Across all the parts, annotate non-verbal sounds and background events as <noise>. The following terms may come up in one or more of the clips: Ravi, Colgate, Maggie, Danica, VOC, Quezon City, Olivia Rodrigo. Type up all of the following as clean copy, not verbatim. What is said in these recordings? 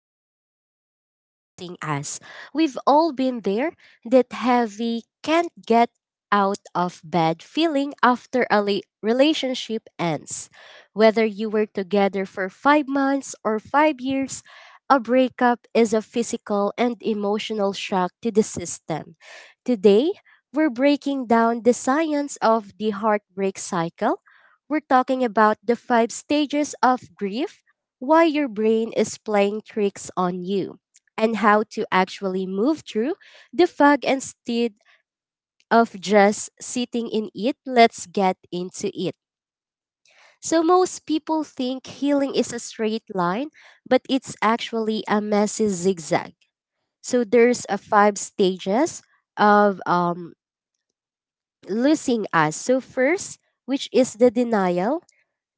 stages of losing us. We've all been there, that heavy, can't get out of bed feeling after a relationship ends. Whether you were together for 5 months or 5 years, a breakup is a physical and emotional shock to the system. Today, we're breaking down the science of the heartbreak cycle. We're talking about the five stages of grief, why your brain is playing tricks on you, and how to actually move through the fog instead of just sitting in it. Let's get into it. So, most people think healing is a straight line, but it's actually a messy zigzag. So, there's a five stages of losing us. So, first, which is the denial.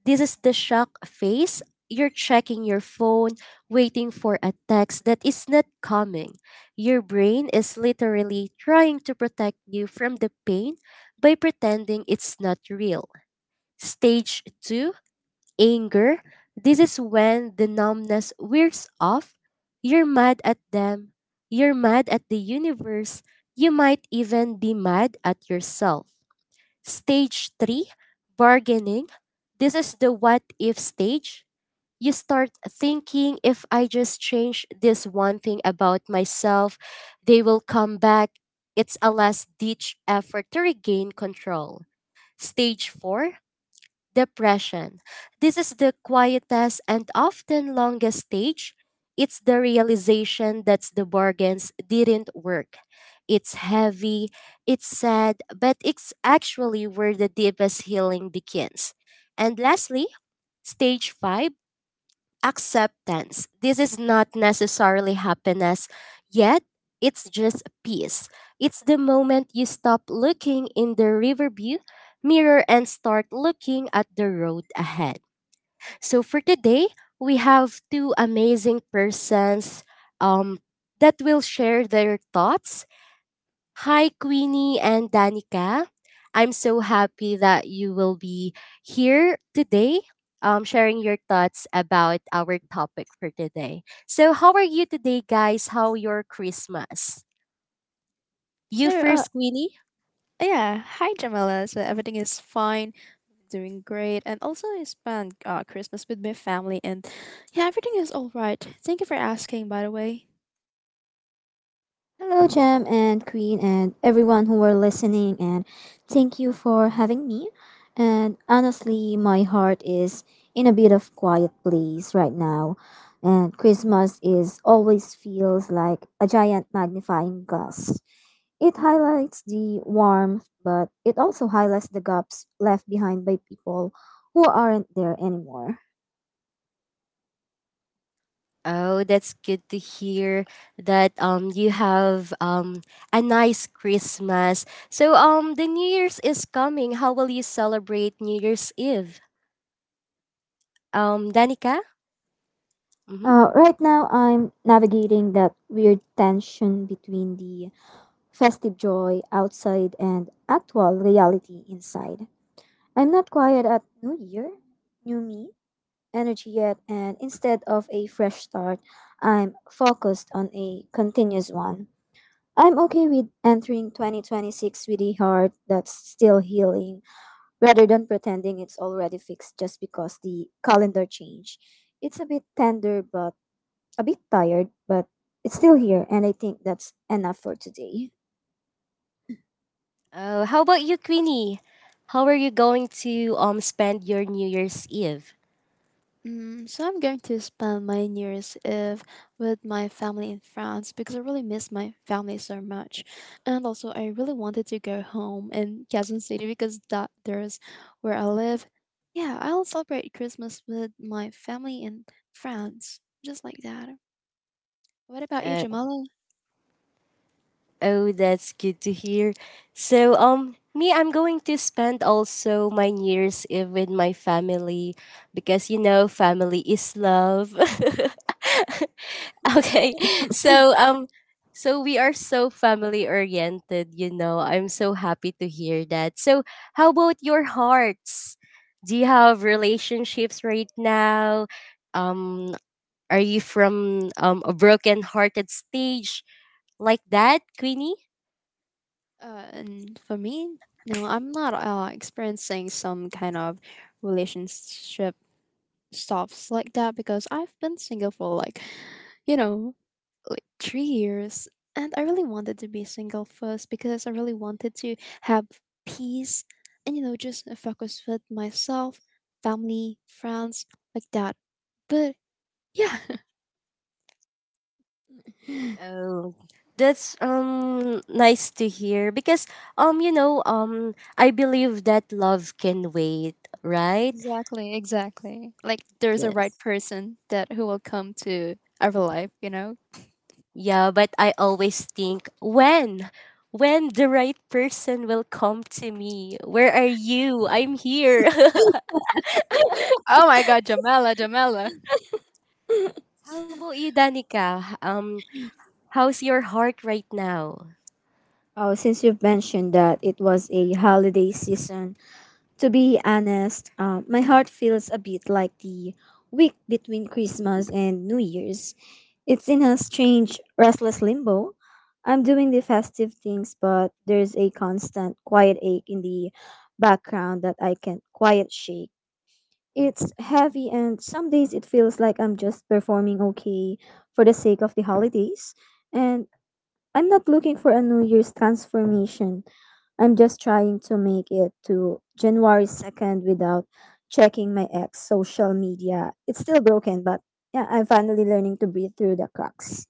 This is the shock phase. You're checking your phone, waiting for a text that is not coming. Your brain is literally trying to protect you from the pain by pretending it's not real. Stage 2, anger. This is when the numbness wears off. You're mad at them. You're mad at the universe. You might even be mad at yourself. Stage three, bargaining. This is the what if stage. You start thinking if I just change this one thing about myself, they will come back. It's a last ditch effort to regain control. Stage four, depression. This is the quietest and often longest stage. It's the realization that the bargains didn't work. It's heavy, it's sad, but it's actually where the deepest healing begins. And lastly, stage 5, acceptance. This is not necessarily happiness, yet it's just peace. It's the moment you stop looking in the rearview mirror and start looking at the road ahead. So for today, we have two amazing persons um, that will share their thoughts. Hi, Queenie and Danica. I'm so happy that you will be here today, sharing your thoughts about our topic for today. So, how are you today, guys? How your Christmas? You Sure. Uh, first, Queenie. yeah. Hi, Jamila. So everything is fine, doing great, and also I spent Christmas with my family, and yeah, everything is all right. Thank you for asking, by the way. Hello, Jam and Queen, and everyone who are listening, and thank you for having me. And honestly, my heart is in a bit of quiet place right now, and Christmas is always feels like a giant magnifying glass. It highlights the warmth, but it also highlights the gaps left behind by people who aren't there anymore. Oh, that's good to hear that you have a nice Christmas. So the New Year's is coming. How will you celebrate New Year's Eve? Danica. Right now, I'm navigating that weird tension between the festive joy outside and actual reality inside. I'm not quiet at New Year, New Me, energy yet, and instead of a fresh start, I'm focused on a continuous one. I'm okay with entering 2026 with a heart that's still healing rather than pretending it's already fixed just because the calendar changed. It's a bit tender, but a bit tired, but it's still here, and I think that's enough for today. Oh, how about you, Queenie? How are you going to spend your New Year's Eve? So I'm going to spend my New Year's Eve with my family in France because I really miss my family so much, and also I really wanted to go home in Quezon City because that there's where I live. Yeah, I'll celebrate Christmas with my family in France, just like that. What about you, Uh, Jamala. oh, that's good to hear. So, me, I'm going to spend also my New Year's Eve with my family because you know, family is love. <laughs> Okay. <laughs> So so we are so family oriented, you know. I'm so happy to hear that. So how about your hearts? Do you have relationships right now? Um are you from a broken hearted stage like that, Queenie? And for me, no, I'm not experiencing some kind of relationship stops like that because I've been single for you know, like 3 years. And I really wanted to be single first because I really wanted to have peace and, you know, just focus with myself, family, friends, like that. But yeah, <laughs> Oh, that's nice to hear because you know I believe that love can wait, right? exactly, exactly. Like there's a right Yes. person that who will come to our life, you know? Yeah, but I always think when the right person will come to me. Where are you? I'm here. <laughs> Oh my god, Jamela, Jamela. How about you, Danica? How's your heart right now? Oh, since you've mentioned that it was a holiday season, to be honest, my heart feels a bit like the week between Christmas and New Year's. It's in a strange, restless limbo. I'm doing the festive things, but there's a constant quiet ache in the background that I can't quite shake. It's heavy, and some days it feels like I'm just performing okay for the sake of the holidays. And I'm not looking for a New Year's transformation. I'm just trying to make it to January 2nd without checking my ex social media. It's still broken, but yeah, I'm finally learning to breathe through the cracks.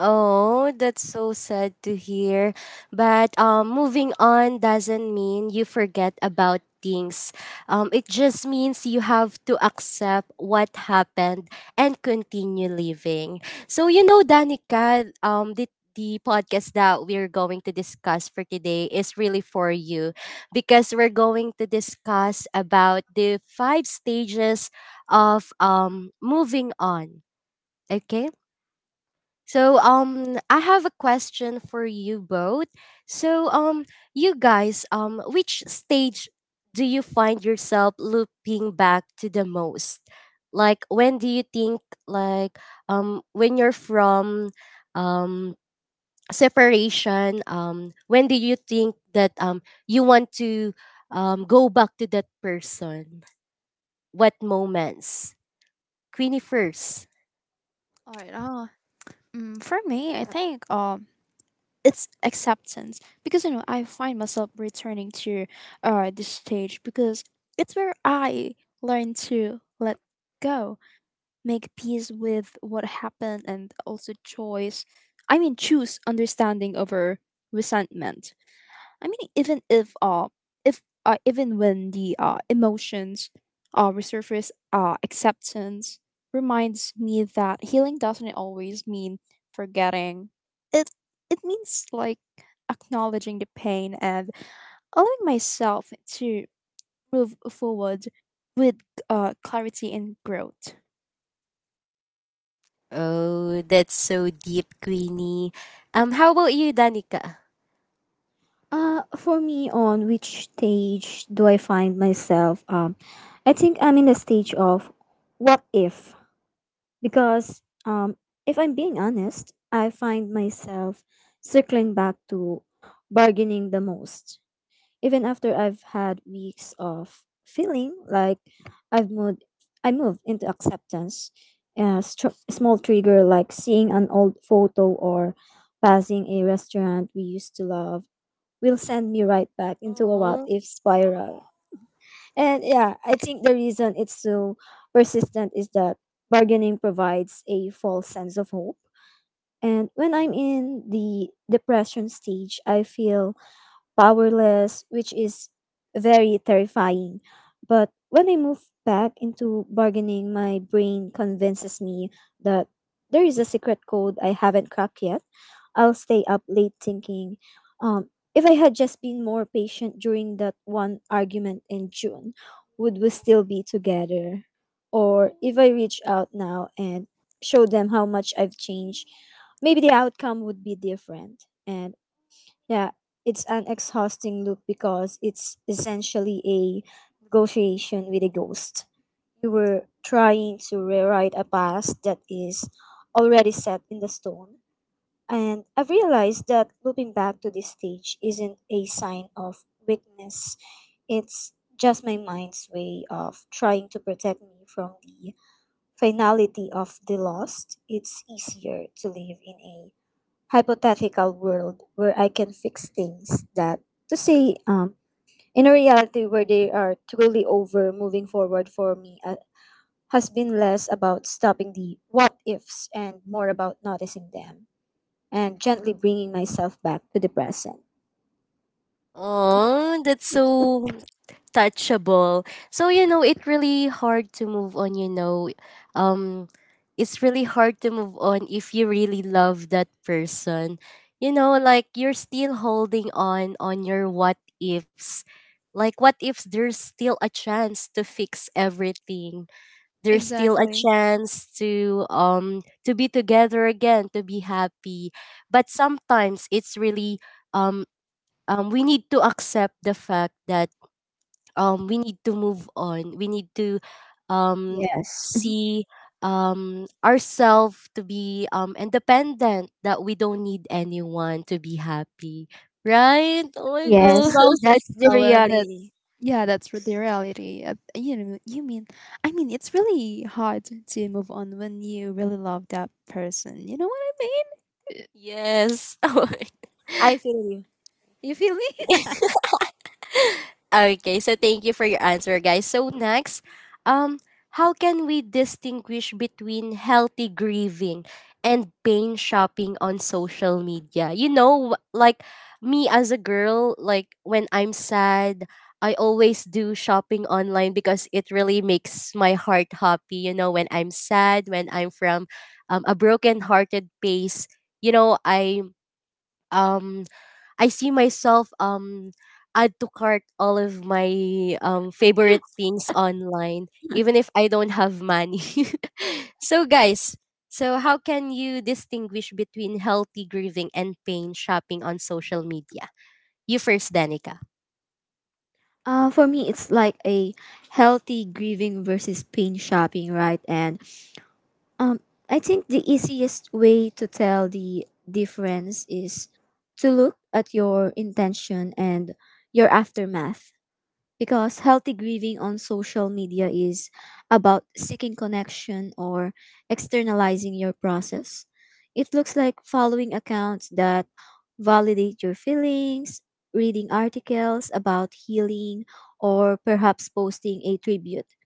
Oh, that's so sad to hear. But moving on doesn't mean you forget about things. It just means you have to accept what happened and continue living. So, you know, Danica, the podcast that we're going to discuss for today is really for you because we're going to discuss about the five stages of moving on. Okay? So I have a question for you both. So you guys which stage do you find yourself looping back to the most? Like when do you think like when you're from um separation, when do you think that you want to go back to that person? What moments? Queenie first. Alright, know. For me, I think it's acceptance because you know I find myself returning to this stage because it's where I learn to let go, make peace with what happened, and also choice. I mean, choose understanding over resentment. I mean, even if even when the emotions resurface, acceptance reminds me that healing doesn't always mean forgetting. It it means like acknowledging the pain and allowing myself to move forward with clarity and growth. Oh, that's so deep, Queenie. How about you, Danica? For me, on which stage do I find myself? I think I'm in the stage of what if. Because if I'm being honest, I find myself circling back to bargaining the most, even after I've had weeks of feeling like I've moved. I moved into acceptance. Small trigger like seeing an old photo or passing a restaurant we used to love will send me right back into a what Oh, if spiral. And yeah, I think the reason it's so persistent is that bargaining provides a false sense of hope. And when I'm in the depression stage, I feel powerless, which is very terrifying. But when I move back into bargaining, my brain convinces me that there is a secret code I haven't cracked yet. I'll stay up late thinking, um, if I had just been more patient during that one argument in June, would we still be together? Or if I reach out now and show them how much I've changed, maybe the outcome would be different. And yeah, it's an exhausting loop because it's essentially a negotiation with a ghost. You were trying to rewrite a past that is already set in the stone. And I've realized that looping back to this stage isn't a sign of weakness. It's just my mind's way of trying to protect me from the finality of the lost. It's easier to live in a hypothetical world where I can fix things that to say in a reality where they are truly over. Moving forward for me has been less about stopping the what ifs and more about noticing them and gently bringing myself back to the present. oh, that's so touchable. So you know, it's really hard to move on. You know, um, it's really hard to move on if you really love that person. You know, like you're still holding on your what ifs. Like what if there's still a chance to fix everything? There's still a Exactly. chance to be together again, to be happy, but sometimes it's really um we need to accept the fact that we need to move on, we need to um Yes. Mhm. see ourselves to be independent, that we don't need anyone to be happy, right? Oh my It's god. Yes, well said, that's the Noella. That's reality. yeah, that's re- The reality. I mean, it's really hard to move on when you really love that person. You know what I mean? Yes. <laughs> Yes. I feel you. You feel me? <laughs> <laughs> Okay, so thank you for your answer, guys. So next, um, how can we distinguish between healthy grieving and pain shopping on social media? You know, like me as a girl, like when I'm sad, I always do shopping online because it really makes my heart happy. You know, when I'm sad, when I'm from a broken-hearted place, you know, um I see myself add to cart all of my favorite things online, even if I don't have money. <laughs> So guys, so how can you distinguish between healthy grieving and pain shopping on social media? You first, Danica. For me, it's like a healthy grieving versus pain shopping, right? And Um, I think the easiest way to tell the difference is to look at your intention and your aftermath. Because healthy grieving on social media is about seeking connection or externalizing your process. It looks like following accounts that validate your feelings, reading articles about healing, or perhaps posting a tribute.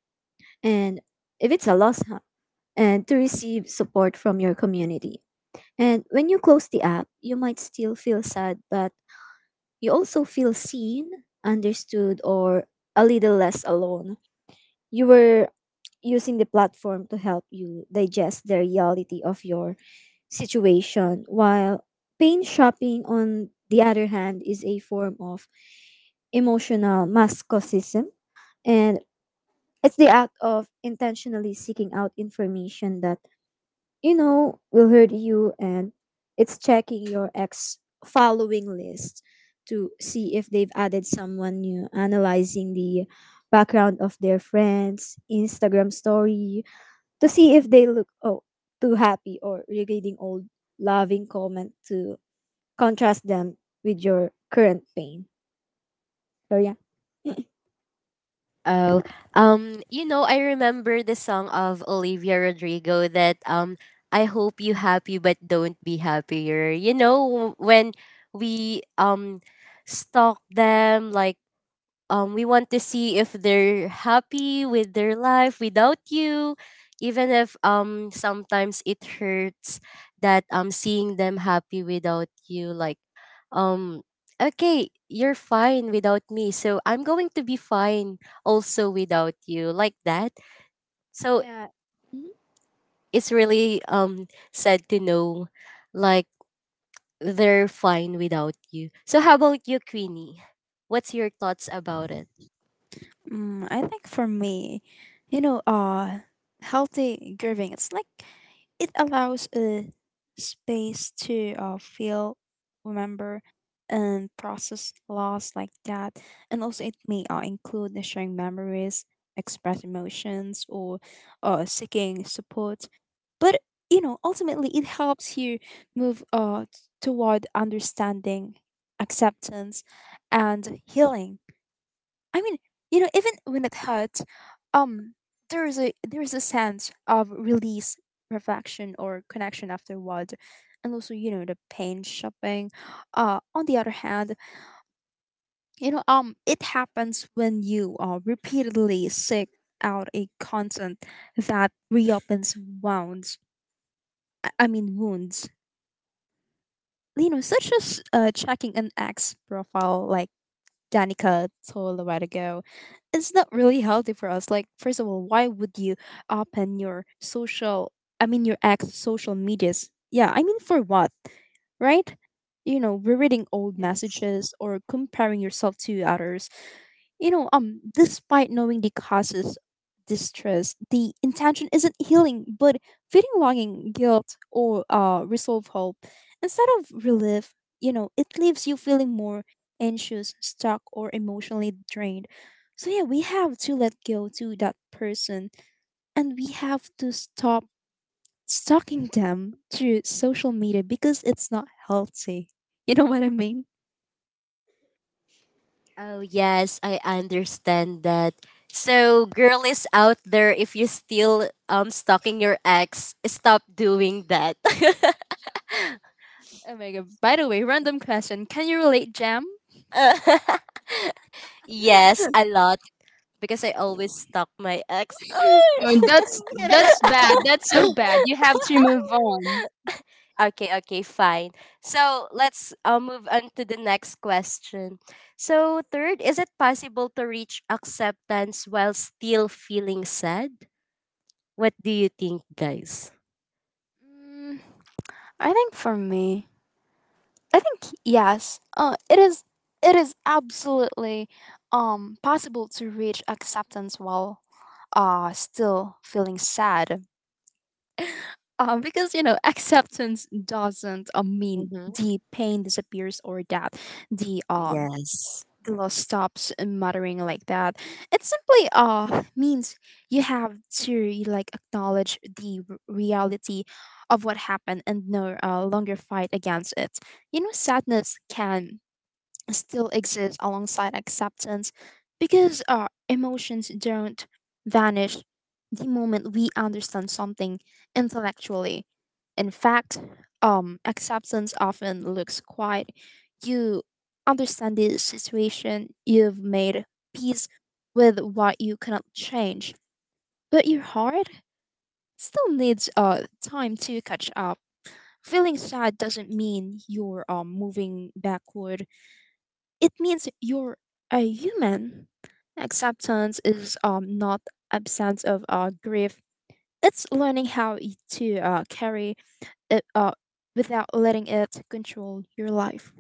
And if it's a loss, huh, and to receive support from your community. And when you close the app, you might still feel sad, but you also feel seen, understood, or a little less alone. You were using the platform to help you digest the reality of your situation, while pain shopping, on the other hand, is a form of emotional masochism. And it's the act of intentionally seeking out information that, you know, will hurt you, and it's checking your ex following list to see if they've added someone new, analyzing the background of their friends' Instagram story, to see if they look oh too happy, or regretting old loving comment to contrast them with your current pain. So yeah. <laughs> Oh, you know, I remember the song of Olivia Rodrigo that I hope you happy but don't be happier. You know, when we stalk them, like we want to see if they're happy with their life without you, even if sometimes it hurts that seeing them happy without you, like um okay, you're fine without me, so I'm going to be fine also without you, like that. So Yeah. Mhm. it's really sad to know, like, they're fine without you. So how about you, Queenie? What's your thoughts about it? I think for me, you know, uh, healthy grieving. It allows a space to feel, remember, and process loss like that. And also, it may include the sharing memories, express emotions, or seeking support. But you know, ultimately, it helps you move toward understanding, acceptance, and healing. I mean, you know, even when it hurts, um, there is a sense of release, reflection, or connection afterward, and also you know the pain shopping. On the other hand, you know, it happens when you repeatedly seek out a content that reopens wounds. I mean wounds. You know, such as checking an ex profile like Danica told a while ago, it's not really healthy for us. Like, first of all, why would you open your social, I mean, your ex social medias? Yeah, I mean, for what, right? You know, rereading old Yes. messages or comparing yourself to others, you know, despite knowing the causes distress, the intention isn't healing, but feeding longing, guilt, or resolve hope. Instead of relief, you know, it leaves you feeling more anxious, stuck, or emotionally drained. So yeah, we have to let go to that person, and we have to stop stalking them through social media because it's not healthy. You know what I mean? Oh, yes, I understand that. So, girlies out there, if you still stalking your ex, stop doing that. Oh my god. By the way, random question. Can you relate, Jam? <laughs> Yes, a lot because I always stalk my ex. Oh, that's that's <laughs> bad. That's so bad. You have to move on. Okay, okay, fine. So, let's move on to the next question. So, third, is it possible to reach acceptance while still feeling sad? What do you think, guys? Mm, I think for me, I think yes. It is absolutely possible to reach acceptance while still feeling sad. Because you know acceptance doesn't mean Mm-hmm. the pain disappears or that the um Yes. the law stops muttering like that. It simply means you have to like acknowledge the reality of what happened and no longer fight against it. You know, sadness can still exist alongside acceptance because emotions don't vanish the moment we understand something intellectually. In fact, acceptance often looks quite, you understand the situation, you've made peace with what you cannot change, but your heart still needs time to catch up. Feeling sad doesn't mean you're moving backward, it means you're a human. Acceptance is not absence of grief. It's learning how to carry it without letting it control your life.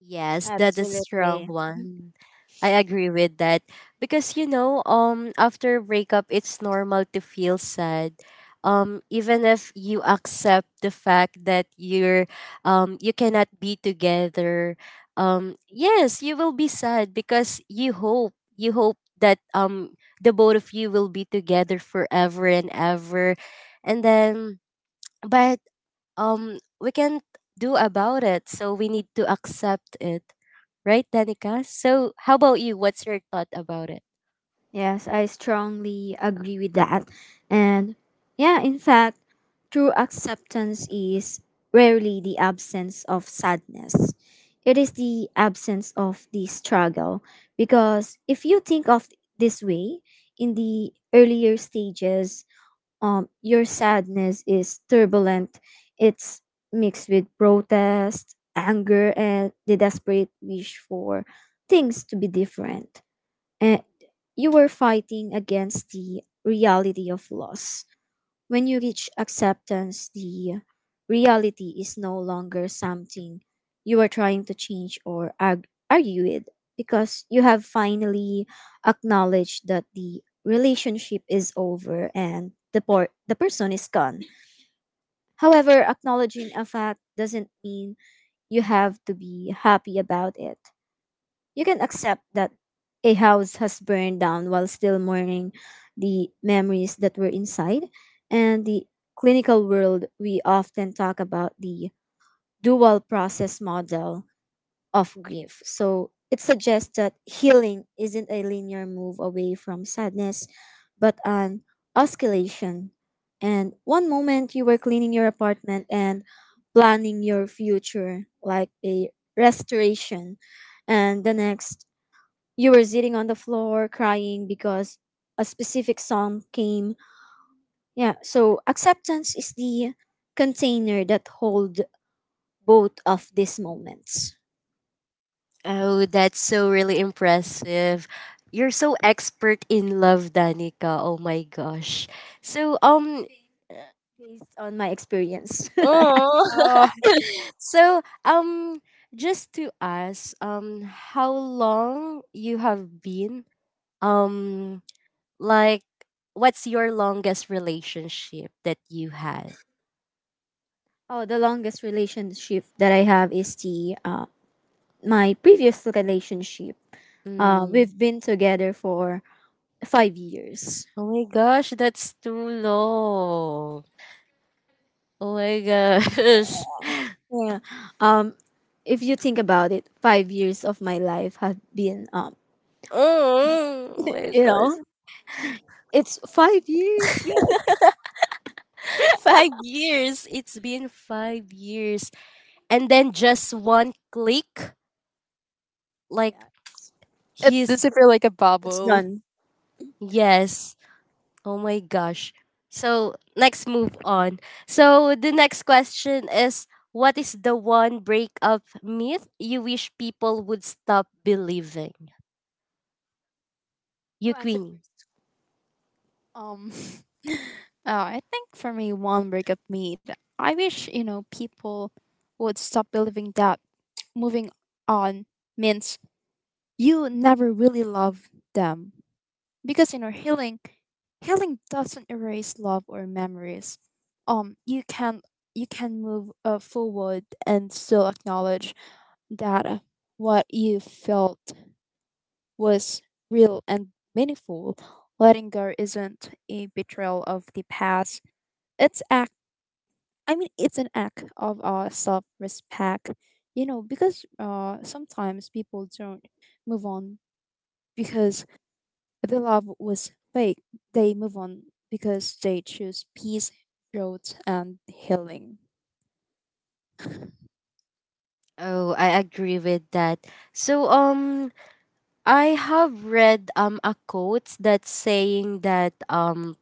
Yes, that is strong Absolutely. one. I agree with that because you know, after breakup it's normal to feel sad. Even if you accept the fact that you're you cannot be together, yes, you will be sad because you hope that the both of you will be together forever and ever. And then but we can't do about it, so we need to accept it, right, Danica? So how about you, what's your thought about it? Yes, I strongly agree with that. And yeah, in fact, true acceptance is rarely the absence of sadness. It is the absence of the struggle. Because if you think of this way, in the earlier stages, your sadness is turbulent. It's mixed with protest, anger, and the desperate wish for things to be different. And you were fighting against the reality of loss. When you reach acceptance, the reality is no longer something you are trying to change or argue with, because you have finally acknowledged that the relationship is over and the person is gone. However, acknowledging a fact doesn't mean you have to be happy about it. You can accept that a house has burned down while still mourning the memories that were inside. And the clinical world, we often talk about the dual process model of grief. So it suggests that healing isn't a linear move away from sadness, but an oscillation. And one moment you were cleaning your apartment and planning your future like a restoration, and the next you were sitting on the floor crying because a specific song came. Yeah, so acceptance is the container that hold both of these moments Oh, that's so really impressive. You're so expert in love, Danica, oh my gosh. So based on my experience. oh. Oh, <laughs> So just to ask, how long you have been um like, what's your longest relationship that you had? <laughs> Oh, the longest relationship that I have is the my previous relationship. Mm. We've been together for 5 years. Oh my gosh, that's too low. Oh my gosh. <laughs> Yeah. Um, if you think about it, 5 years of my life have been Oh <laughs> my you gosh. know, it's 5 years. Yay. <laughs> 5 years. It's been 5 years. And then just one click. Like Yeah. it he's does it feel like a It's bubble? done. yes. Oh my gosh. So let's move on. So the next question is, what is the one breakup myth you wish people would stop believing? You Who answered Queenie. Um, <laughs> I think for me, one breakup made. I wish you know people would stop believing that moving on means you never really love them. Because you know healing doesn't erase love or memories. You can, move forward and still acknowledge that, what you felt was real and meaningful. Letting go isn't a betrayal of the past, it's act it's an act of self-respect. You know, because sometimes people don't move on because, if the love was fake, they move on because they choose peace, growth, and healing. Oh, I agree with that. So I have read a quote that's saying that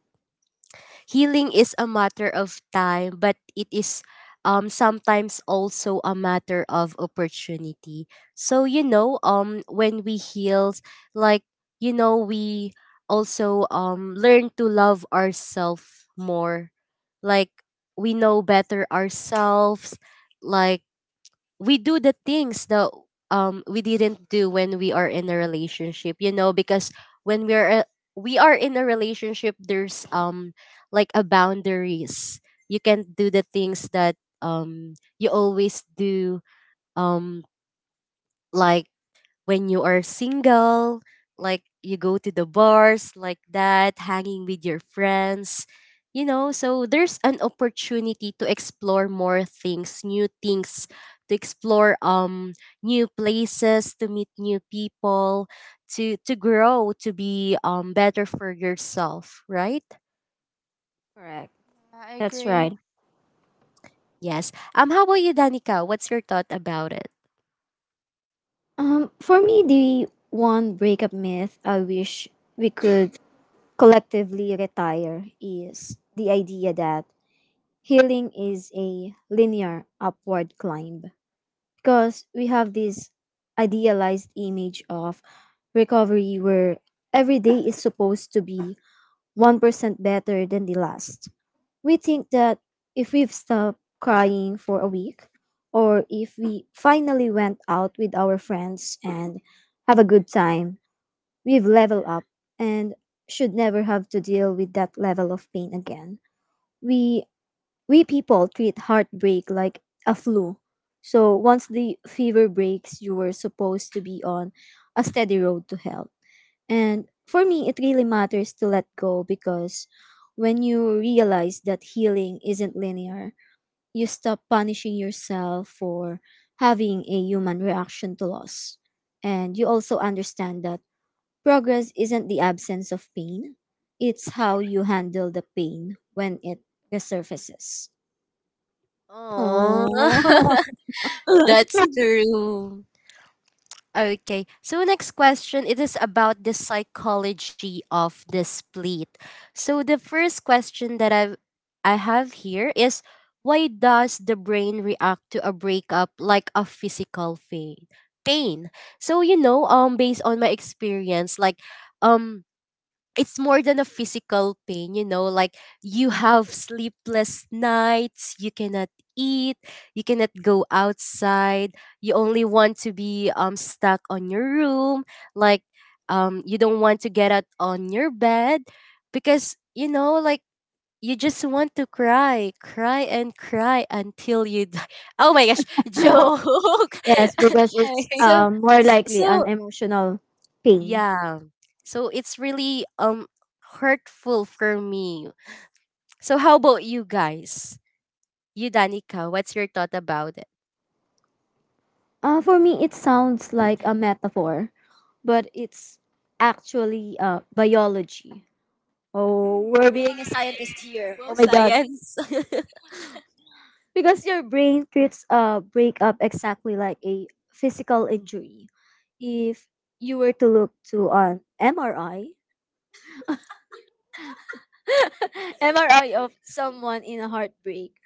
healing is a matter of time, but it is sometimes also a matter of opportunity. So you know, when we heal, like, you know, we also learn to love ourselves more. Like, we know better ourselves, like, we do the things that we didn't do when we are in a relationship, you know, because when we are a- we are in a relationship there's like a boundaries, you can't do the things that um you always do, um like when you are single, like you go to the bars like that, hanging with your friends, you know. So there's an opportunity to explore more things, new things, to explore new places, to meet new people, to grow, to be better for yourself, right? correct? I That's agree. right. Yes. How about you, Danica? What's your thought about it? For me, the one breakup myth I wish we could collectively retire is the idea that healing is a linear upward climb. Because we have this idealized image of recovery where every day is supposed to be 1% better than the last. We think that if we've stopped crying for a week, or if we finally went out with our friends and have a good time, we've leveled up and should never have to deal with that level of pain again. We we people treat heartbreak like a flu. So once the fever breaks, you were supposed to be on a steady road to health. And for me, it really matters to let go because when you realize that healing isn't linear, you stop punishing yourself for having a human reaction to loss. And you also understand that progress isn't the absence of pain, it's how you handle the pain when it resurfaces. Oh, Oh. <laughs> <laughs> that's true. Okay, so next question, it is about the psychology of the split. So the first question that I have here is, why does the brain react to a breakup like a physical pain? Pain. So you know, based on my experience, like um it's more than a physical pain, you know, like you have sleepless nights, you cannot eat, you cannot go outside, you only want to be stuck on your room, like you don't want to get out on your bed because you know, like, you just want to cry, cry and cry until you die. <laughs> Oh my gosh, So, joke. yes, because it's <laughs> Hey. so more likely an so emotional pain. yeah. So it's really hurtful for me. So how about you guys? You Danica, what's your thought about it? For me, it sounds like a metaphor, but it's actually biology. Oh, we're being a scientist here. Wow, Oh my god. science. <laughs> Because your brain treats a breakup exactly like a physical injury. If you were to look to an MRI, <laughs> MRI of someone in a heartbreak.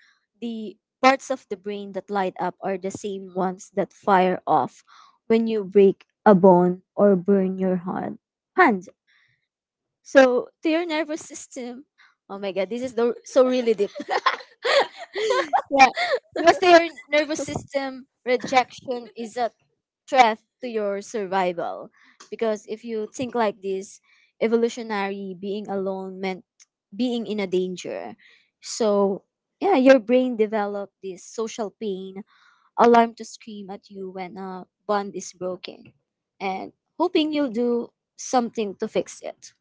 The parts of the brain that light up are the same ones that fire off when you break a bone or burn your hand. So to your nervous system, oh my god, so really deep. <laughs> Yeah, because to your nervous system, rejection is a threat to your survival. Because if you think like this, evolutionary being alone meant being in a danger. So yeah, your brain developed this social pain alarm to scream at you when a bond is broken, and hoping you'll do something to fix it.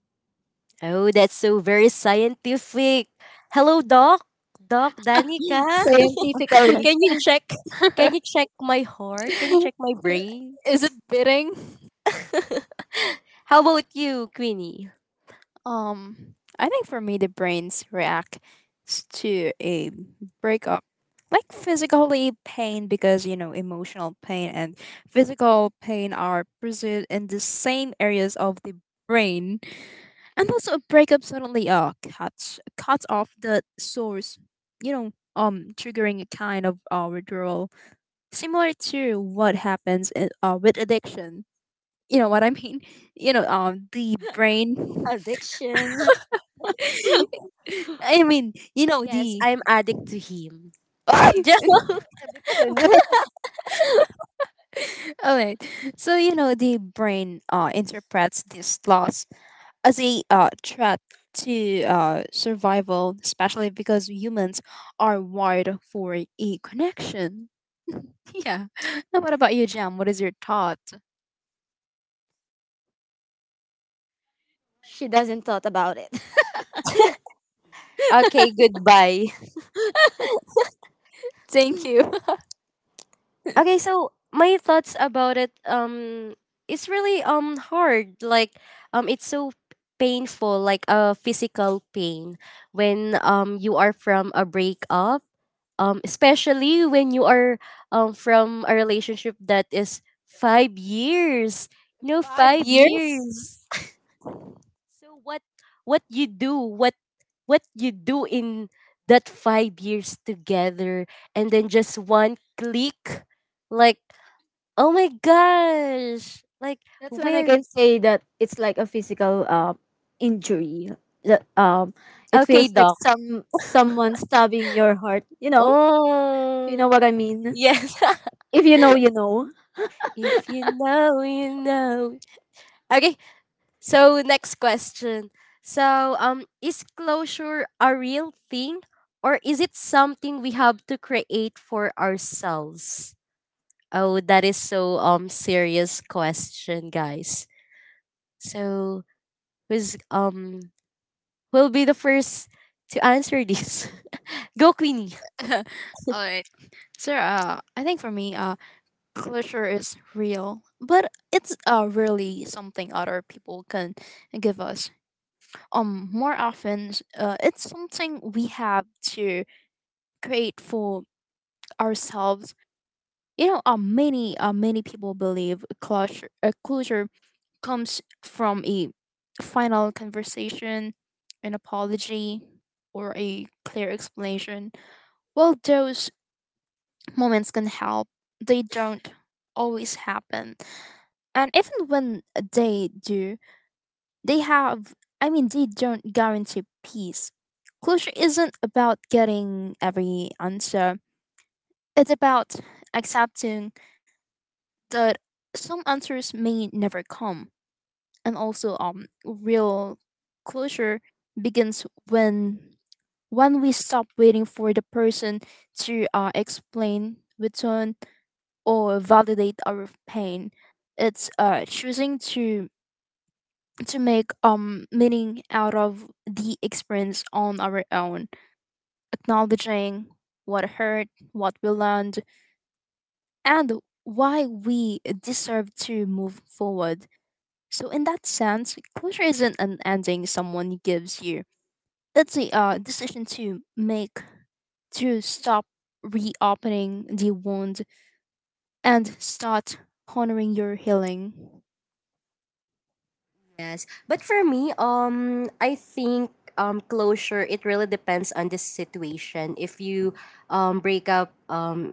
Oh, that's so very scientific. Hello, Doc. Doc Danica. <laughs> Scientifically, Can you check? Can you <laughs> check my heart? Can you check my brain? Is it bidding? <laughs> How about you, Queenie? I think for me, the brains react to a breakup, like physically pain, because you know emotional pain and physical pain are present in the same areas of the brain, and also a breakup suddenly cuts off the source, you know, triggering a kind of withdrawal, similar to what happens with addiction. You know what I mean? <laughs> You know, the brain. addiction. <laughs> I mean, you know Yes, the. I'm addict to him. <laughs> <laughs> Good. All right. So you know the brain interprets this loss as a threat to survival, especially because humans are wired for a connection. <laughs> Yeah. Now, what about you, Jam? What is your thought? She doesn't thought about it. <laughs> Okay, goodbye. Thank you. Okay, so my thoughts about it it's really hard, like it's so painful, like a physical pain when you are from a breakup, especially when you are from a relationship that is 5 years. <laughs> No, Five 5 years. years. <laughs> So what you do, what you do in that 5 years together, and then just one click, like, oh my gosh! Like <laughs> That's when I where? can say that it's like a physical injury. That it Okay, feels like doc. Someone stabbing your heart. You Oh, know what I mean. yes. <laughs> If you know, you know. If you know, you know. Okay. So next question. So, is closure a real thing, or is it something we have to create for ourselves? Oh, that is so serious question, guys. So who's will be the first to answer this? <laughs> Go, Queenie. <laughs> All right. So, I think for me, closure is real, but it's really something other people can give us. More often, it's something we have to create for ourselves. You know, many people believe closure comes from a final conversation, an apology, or a clear explanation. While those moments can help, they don't always happen. And even when they do, they have, I mean, they don't guarantee peace. Closure isn't about getting every answer, it's about accepting that some answers may never come. And also, real closure begins when we stop waiting for the person to explain, return, or validate our pain. It's choosing to make meaning out of the experience on our own, acknowledging what hurt, what we learned, and why we deserve to move forward. So in that sense, closure isn't an ending someone gives you. It's a decision to make, to stop reopening the wound and start honoring your healing. Yes, but for me, I think closure, it really depends on the situation. If you break up,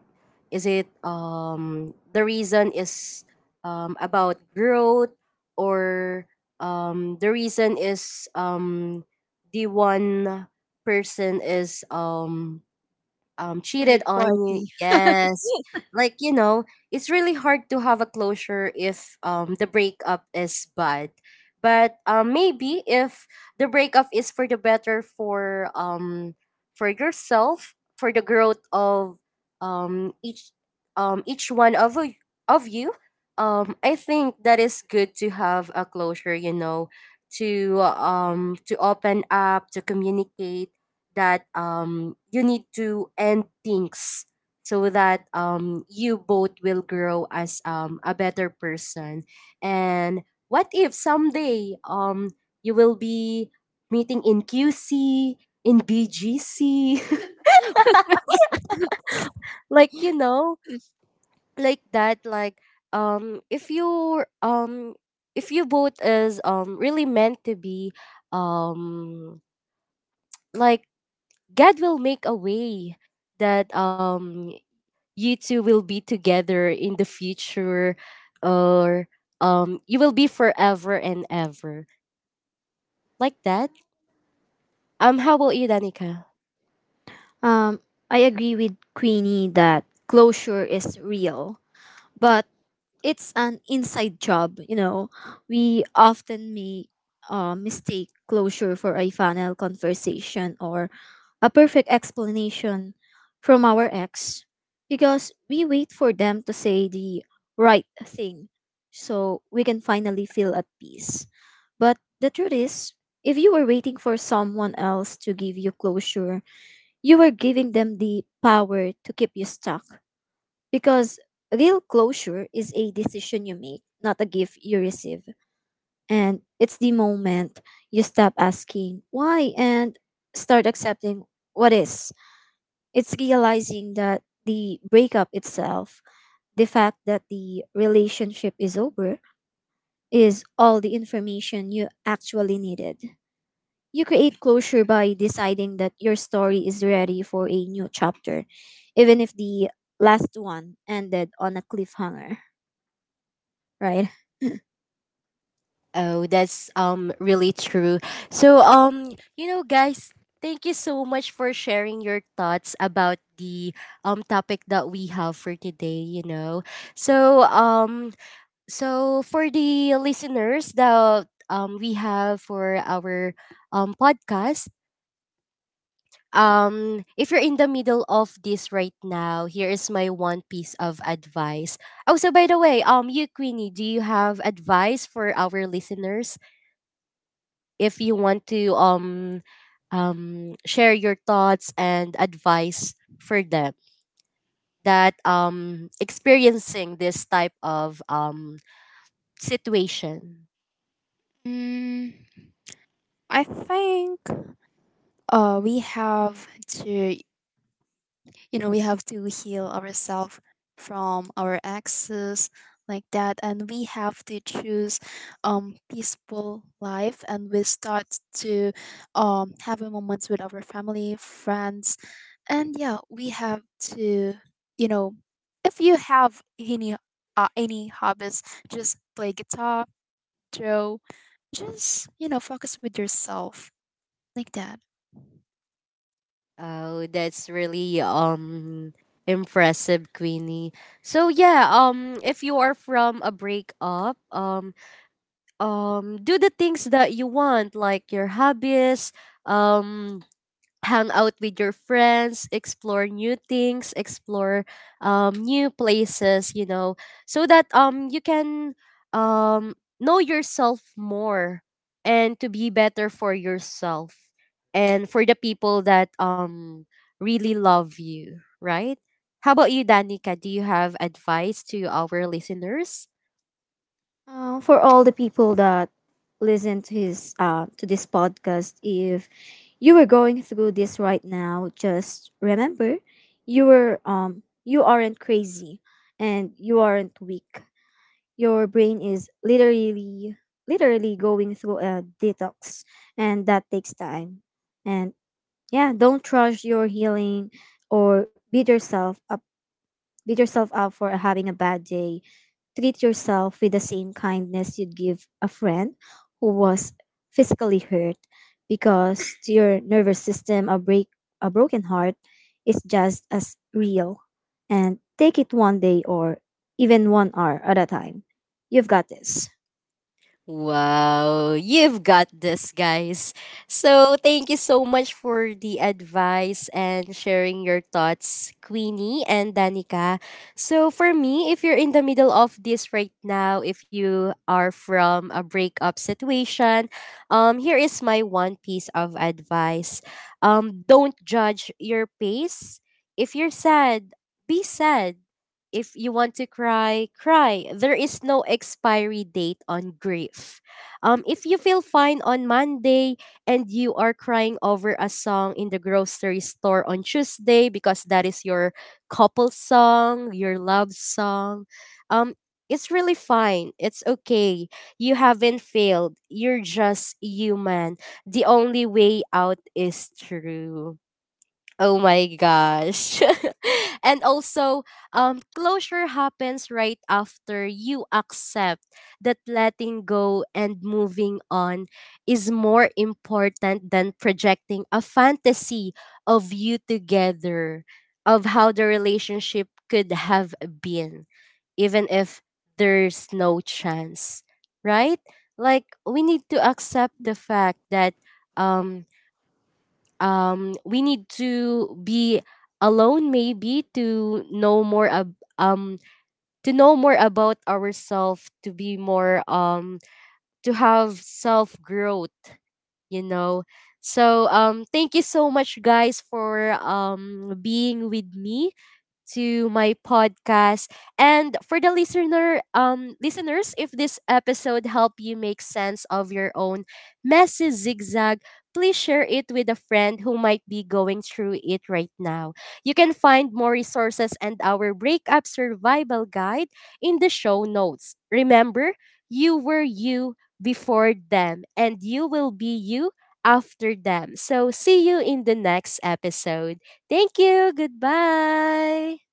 is it, the reason is about growth, or the reason is the one person is cheated Third on party. you. Yes. Like, you know, it's really hard to have a closure if, the breakup is bad. But, maybe if the breakup is for the better, for, for yourself, for the growth of, each, each one of of you, I think that is good to have a closure. You know, to, to open up, to communicate that, you need to end things so that, you both will grow as, a better person. And what if someday, you will be meeting in QC, in BGC, <laughs> like, you know, like that, like, if you, if you both is really meant to be, um, like God will make a way that you two will be together in the future, or you will be forever and ever, like that. How about you, Danica? Um, I agree with Queenie that closure is real, but it's an inside job. You know, we often make mistake closure for a final conversation or a perfect explanation from our ex, because we wait for them to say the right thing so we can finally feel at peace. But the truth is, if you were waiting for someone else to give you closure, you were giving them the power to keep you stuck, because real closure is a decision you make, not a gift you receive. And it's the moment you stop asking why and start accepting what is. It's realizing that the breakup itself, the fact that the relationship is over, is all the information you actually needed. You create closure by deciding that your story is ready for a new chapter, even if the last one ended on a cliffhanger, right? Oh, that's really true. So, you know, guys, thank you so much for sharing your thoughts about the topic that we have for today, you know. So so for the listeners that, we have for our, podcast, if you're in the middle of this right now, here is my one piece of advice. Oh, so by the way, you Queenie, do you have advice for our listeners if you want to, share your thoughts and advice for them that experiencing this type of situation? Mm, I think we have to, you know, we have to heal ourselves from our exes like that, and we have to choose peaceful life, and we start to have a moments with our family friends, and yeah we have to, you know, if you have any hobbies, just play guitar, draw, just you know focus with yourself like that. Oh, that's really impressive, Queenie. So yeah, if you are from a breakup, do the things that you want, like your hobbies, um hang out with your friends, explore new things, explore, new places, you know, so that you can know yourself more, and to be better for yourself and for the people that really love you, right? How about you, Danica? Do you have advice to our listeners? For all the people that listen to this podcast, if you were going through this right now, just remember you aren't crazy and you aren't weak. Your brain is literally going through a detox, and that takes time. And yeah, don't rush your healing or beat yourself up for having a bad day. Treat yourself with the same kindness you'd give a friend who was physically hurt, because to your nervous system a broken heart is just as real. And take it one day, or even one hour at a time. You've got this. Wow, you've got this, guys. So, thank you so much for the advice and sharing your thoughts, Queenie and Danica. So, for me, if you're in the middle of this right now, if you are from a breakup situation, here is my one piece of advice. Don't judge your pace. If you're sad, be sad. If you want to cry, cry. There is no expiry date on grief. If you feel fine on Monday and you are crying over a song in the grocery store on Tuesday because that is your couple song, your love song, um, it's really fine. It's okay. You haven't failed. You're just human. The only way out is through. Oh my gosh. <laughs> And also, closure happens right after you accept that letting go and moving on is more important than projecting a fantasy of you together, of how the relationship could have been, even if there's no chance, right? Like, we need to accept the fact that. Um, we need to be alone, maybe to know more to know more about ourselves, to be more to have self growth, you know. So thank you so much, guys, for being with me to my podcast. And for the listener, listeners, if this episode helped you make sense of your own messy zigzag, please share it with a friend who might be going through it right now. You can find more resources and our breakup survival guide in the show notes. Remember, you were you before them, and you will be you after them. So, see you in the next episode. Thank you. Goodbye.